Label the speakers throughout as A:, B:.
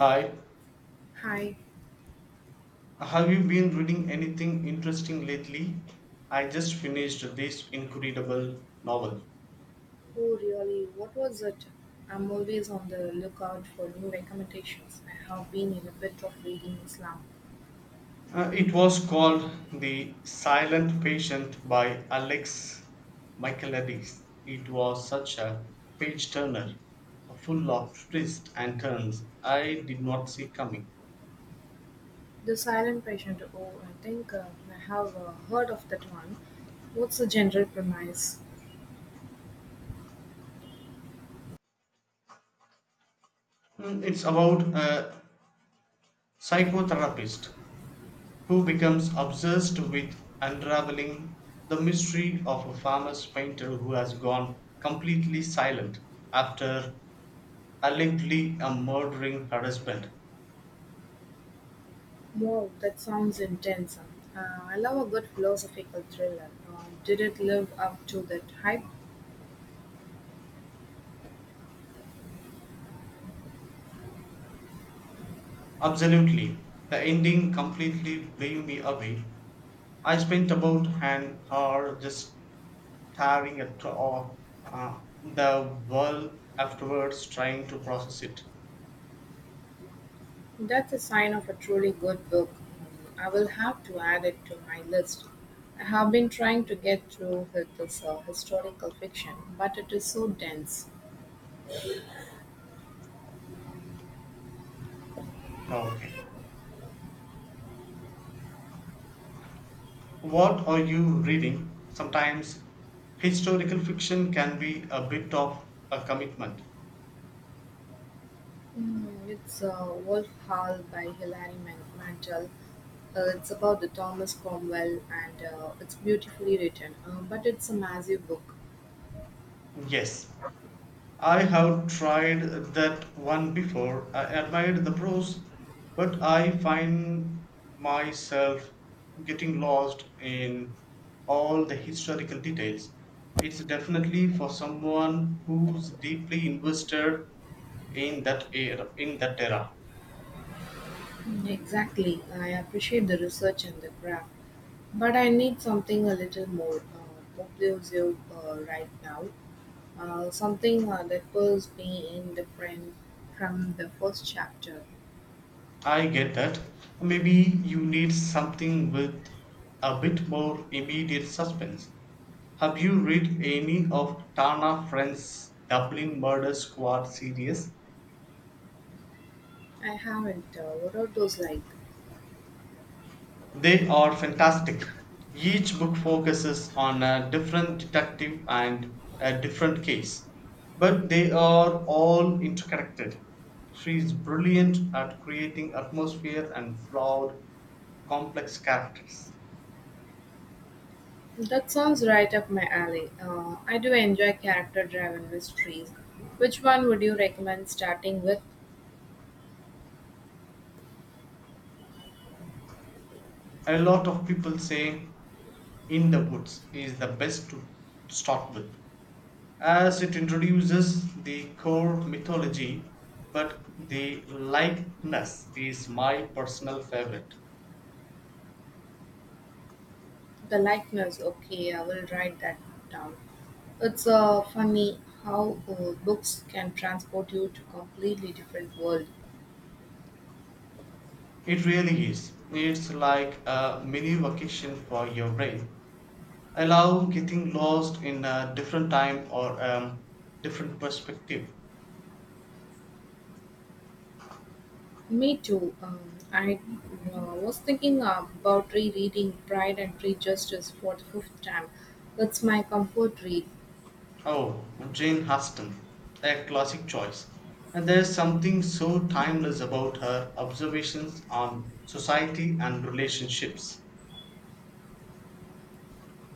A: Hi,
B: Hi.
A: have you been reading anything interesting lately? I just finished this incredible novel.
B: Oh, really? What was it? I'm always on the lookout for new recommendations. I have been in a bit of reading slump.
A: It was called The Silent Patient by Alex Michaelides. It was such a page turner, full of twists and turns I did not see coming.
B: The Silent Patient. Oh, I think I have heard of that one. What's the general premise?
A: Mm, it's about a psychotherapist who becomes obsessed with unraveling the mystery of a famous painter who has gone completely silent after allegedly a murdering her husband.
B: Wow, that sounds intense. I love a good philosophical thriller. Did it live up to that hype?
A: Absolutely, the ending completely blew me away. I spent about an hour just staring at all, the wall afterwards, trying to process it.
B: That's a sign of a truly good book. I'll have to add it to my list. I have been trying to get through with this historical fiction, but it is so dense.
A: Oh, okay. What are you reading? Sometimes historical fiction can be a bit of a commitment.
B: Mm, it's Wolf Hall by Mantel. It's about the Thomas Cromwell, and it's beautifully written, but it's a massive book.
A: Yes, I have tried that one before. I admired the prose, but I find myself getting lost in all the historical details. It's definitely for someone who's deeply invested in that era.
B: Mm, exactly. I appreciate the research and the craft, but I need something a little more obtrusive right now. Something that pulls me in different from the first chapter.
A: I get that. Maybe you need something with a bit more immediate suspense. Have you read any of Tana Friend's Dublin Murder Squad series?
B: I haven't. What are those like?
A: They are fantastic. Each book focuses on a different detective and a different case, but they are all interconnected. She is brilliant at creating atmosphere and flawed, complex characters.
B: That sounds right up my alley. I do enjoy character driven mysteries. Which one would you recommend starting with?
A: A lot of people say in the woods is the best to start with, as it introduces the core mythology, but the likeness is my personal favorite.
B: The likeness. Okay, I will write that down. It's funny how books can transport you to completely different world.
A: It really is. It's like a mini vacation for your brain, allow getting lost in a different time or a different perspective.
B: Me too. I was thinking about rereading Pride and Prejudice for the fifth time. It's my comfort read.
A: Oh, Jane Austen, a classic choice. And there's something so timeless about her observations on society and relationships.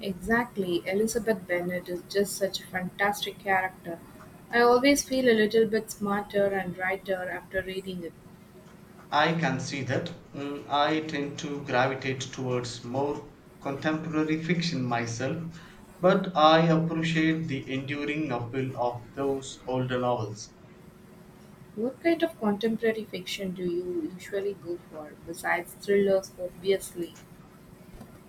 B: Exactly. Elizabeth Bennet is just such a fantastic character. I always feel a little bit smarter and brighter after reading it.
A: I can see that. Mm, I tend to gravitate towards more contemporary fiction myself, but I appreciate the enduring appeal of those older novels.
B: What kind of contemporary fiction do you usually go for, besides thrillers, obviously?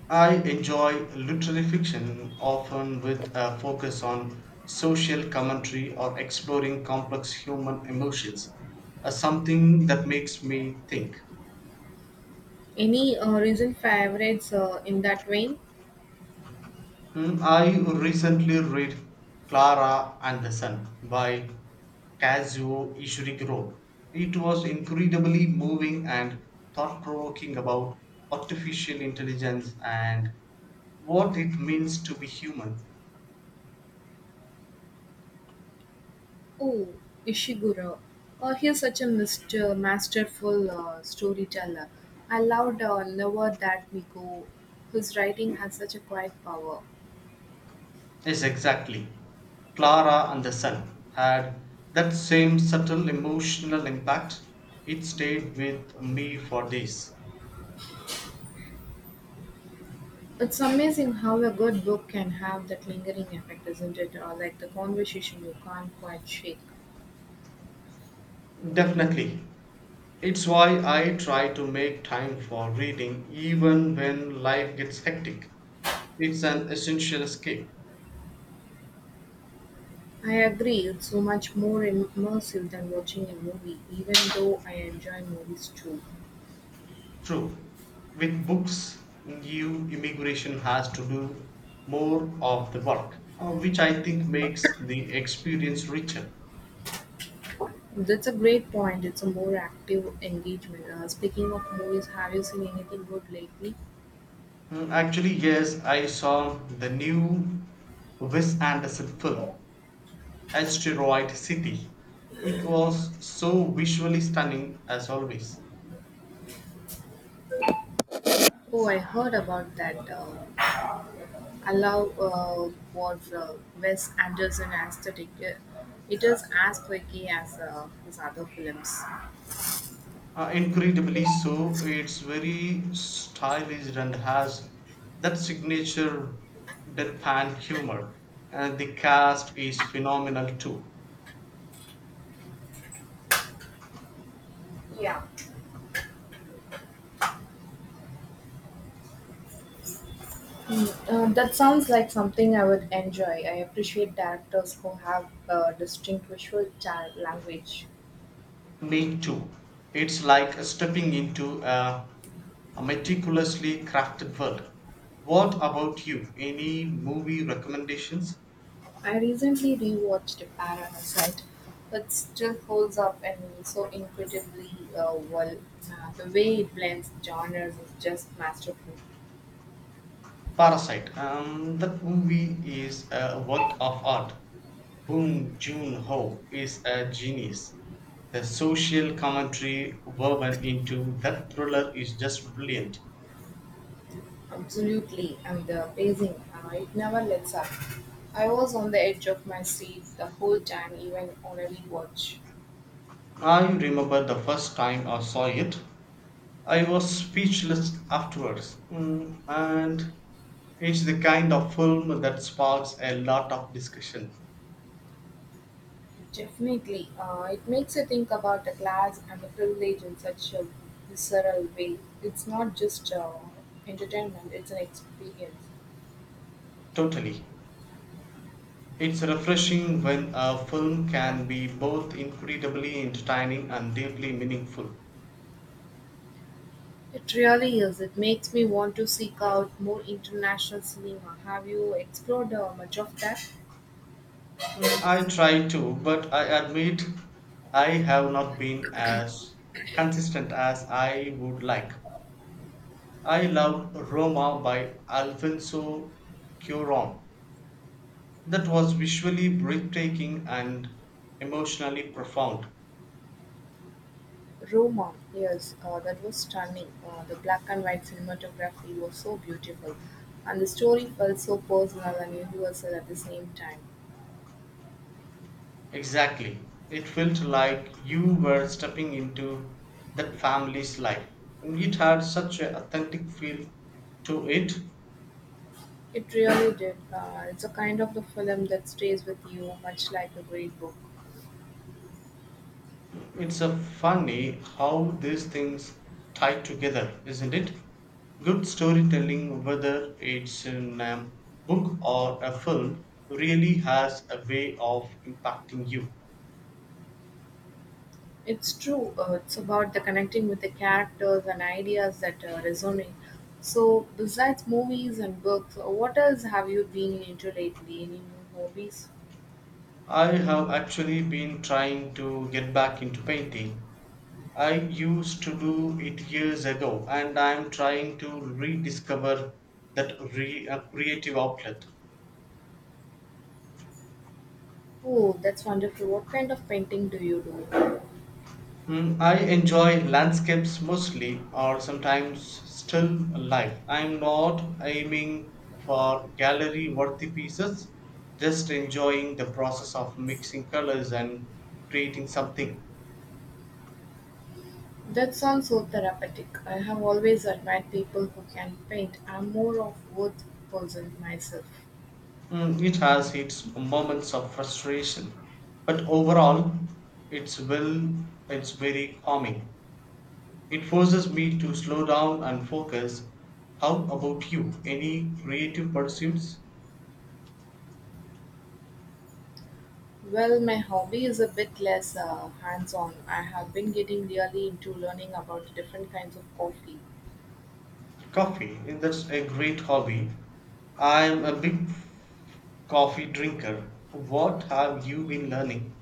A: I enjoy literary fiction, often with a focus on social commentary or exploring complex human emotions, something that makes me think.
B: Any recent favorites in that vein?
A: Hmm, I recently read Clara and the Sun by Kazuo Ishiguro. It was incredibly moving and thought provoking about artificial intelligence and what it means to be human.
B: Oh, Ishiguro. Oh, he's such a masterful storyteller. I loved Never That We Go. His writing has such a quiet power.
A: Yes, exactly. Clara and the Sun had that same subtle emotional impact. It stayed with me for days.
B: It's amazing how a good book can have that lingering effect, isn't it? Or like the conversation you can't quite shake.
A: Definitely. It's why I try to make time for reading even when life gets hectic. It's an essential escape.
B: I agree, it's so much more immersive than watching a movie, even though I enjoy movies too.
A: True. With books, new immigration has to do more of the work, which I think makes the experience richer.
B: That's a great point. It's a more active engagement. Speaking of movies, have you seen anything good lately?
A: Mm, actually, yes, I saw the new Wes Anderson film, Asteroid City. It was so visually stunning as always.
B: Oh, I heard about that. I love what Wes Anderson aesthetic. It is as quirky as his other films.
A: Incredibly so, it's very stylish and has that signature deadpan humor. And the cast is phenomenal too.
B: Yeah, that sounds like something I would enjoy. I appreciate directors who have distinct visual language.
A: Me too. It's like stepping into a meticulously crafted world. What about you? Any movie recommendations?
B: I recently rewatched Parasite. But still holds up and so incredibly well. The way it blends genres is just masterful.
A: Parasite. That movie is a work of art. Bong Joon Ho is a genius. The social commentary woven into that thriller is just brilliant.
B: Absolutely, and the pacing, it never lets up. I was on the edge of my seat the whole time, even on a rewatch.
A: I remember the first time I saw it. I was speechless afterwards, mm, and it's the kind of film that sparks a lot of discussion.
B: Definitely, it makes you think about the class and the privilege in such a visceral way. It's not just entertainment, it's an experience.
A: Totally. It's refreshing when a film can be both incredibly entertaining and deeply meaningful.
B: It really is. It makes me want to seek out more international cinema. Have you explored much of that?
A: Mm, I try to, but I admit I have not been as consistent as I would like. I love Roma by Alfonso Cuaron. That was visually breathtaking and emotionally profound.
B: Roma, yes, that was stunning. The black and white cinematography was so beautiful, and the story felt so personal and universal at the same time.
A: Exactly. It felt like you were stepping into that family's life. It had such an authentic feel to it.
B: It really did. It's a kind of the film that stays with you, much like a great book.
A: It's a funny how these things tie together, isn't it? Good storytelling, whether it's in a book or a film, really has a way of impacting you.
B: It's true. It's about the connecting with the characters and ideas that resonate. So, besides movies and books, what else have you been into lately? Any new hobbies?
A: I have actually been trying to get back into painting. I used to do it years ago and I'm trying to rediscover that creative outlet.
B: Oh, that's wonderful. What kind of painting do you do?
A: Mm, I enjoy landscapes mostly or sometimes still life. I'm not aiming for gallery worthy pieces, just enjoying the process of mixing colors and creating something.
B: That sounds so therapeutic. I have always admired people who can paint. I'm more of wood person myself.
A: Mm, it has its moments of frustration, but overall, it's well, it's very calming. It forces me to slow down and focus. How about you? Any creative pursuits?
B: Well, my hobby is a bit less hands-on. I have been getting really into learning about the different kinds of coffee,
A: Coffee, eh, that's a great hobby. I'm a big coffee drinker. What have you been learning?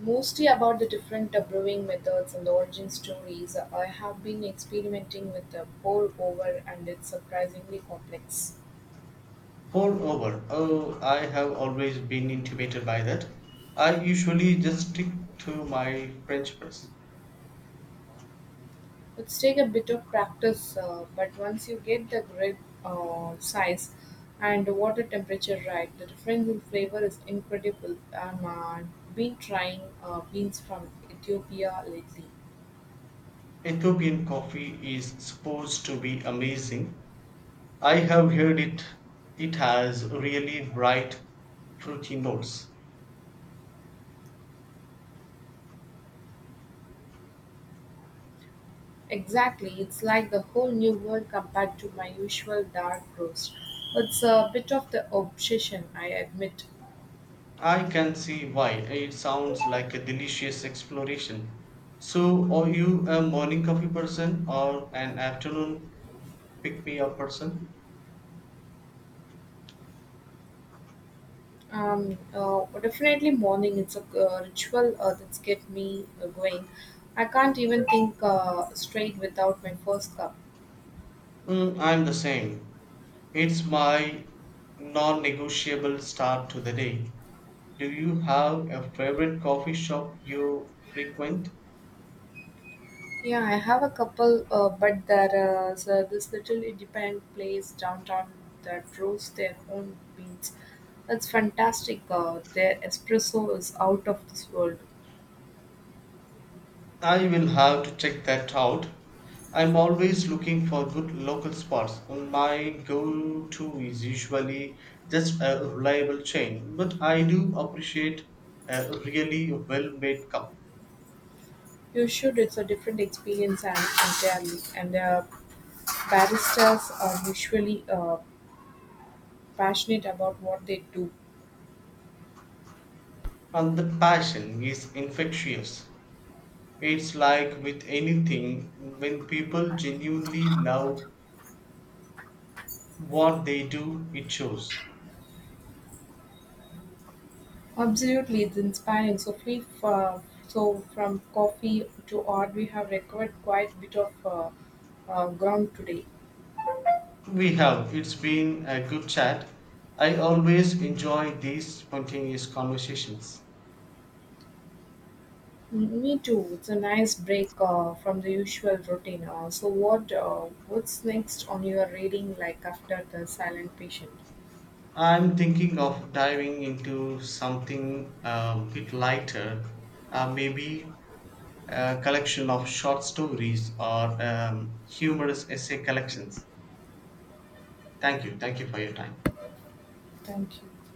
B: mostly about the different brewing methods and the origin stories. I have been experimenting with the pour over, and it's surprisingly complex.
A: Pour over. Oh, I have always been intimidated by that. I usually just stick to my French press.
B: It's take a bit of practice, but once you get the grid size and water temperature right, the difference in flavor is incredible. I'm been trying beans from Ethiopia lately.
A: Ethiopian coffee is supposed to be amazing. I have heard it has really bright fruity notes.
B: Exactly, it's like the whole new world compared to my usual dark roast. It's a bit of the obsession, I admit.
A: I can see why. It sounds like a delicious exploration. So are you a morning coffee person or an afternoon pick me up person?
B: Definitely morning. It's a ritual that's get me going. I can't even think straight without my first cup.
A: Mm, I'm the same. It's my non-negotiable start to the day. Do you have a favorite coffee shop you frequent?
B: Yeah, I have a couple, but there is this little independent place downtown that brews their own beans. It's fantastic. Their espresso is out of this world.
A: I will have to check that out. I'm always looking for good local spots. My go to is usually just a reliable chain, but I do appreciate a really well made cup.
B: You should. It's a different experience and entirely. And baristas are usually passionate about what they do.
A: And the passion is infectious. It's like with anything, when people genuinely love what they do, it shows.
B: Absolutely, it's inspiring. So from coffee to art, we have recovered quite a bit of ground today.
A: We have. It's been a good chat. I always enjoy these spontaneous conversations.
B: Me too. It's a nice break from the usual routine. So, what's next on your reading? Like after the silent patient.
A: I'm thinking of diving into something a bit lighter, maybe a collection of short stories or humorous essay collections. Thank you. Thank you for your time.
B: Thank you.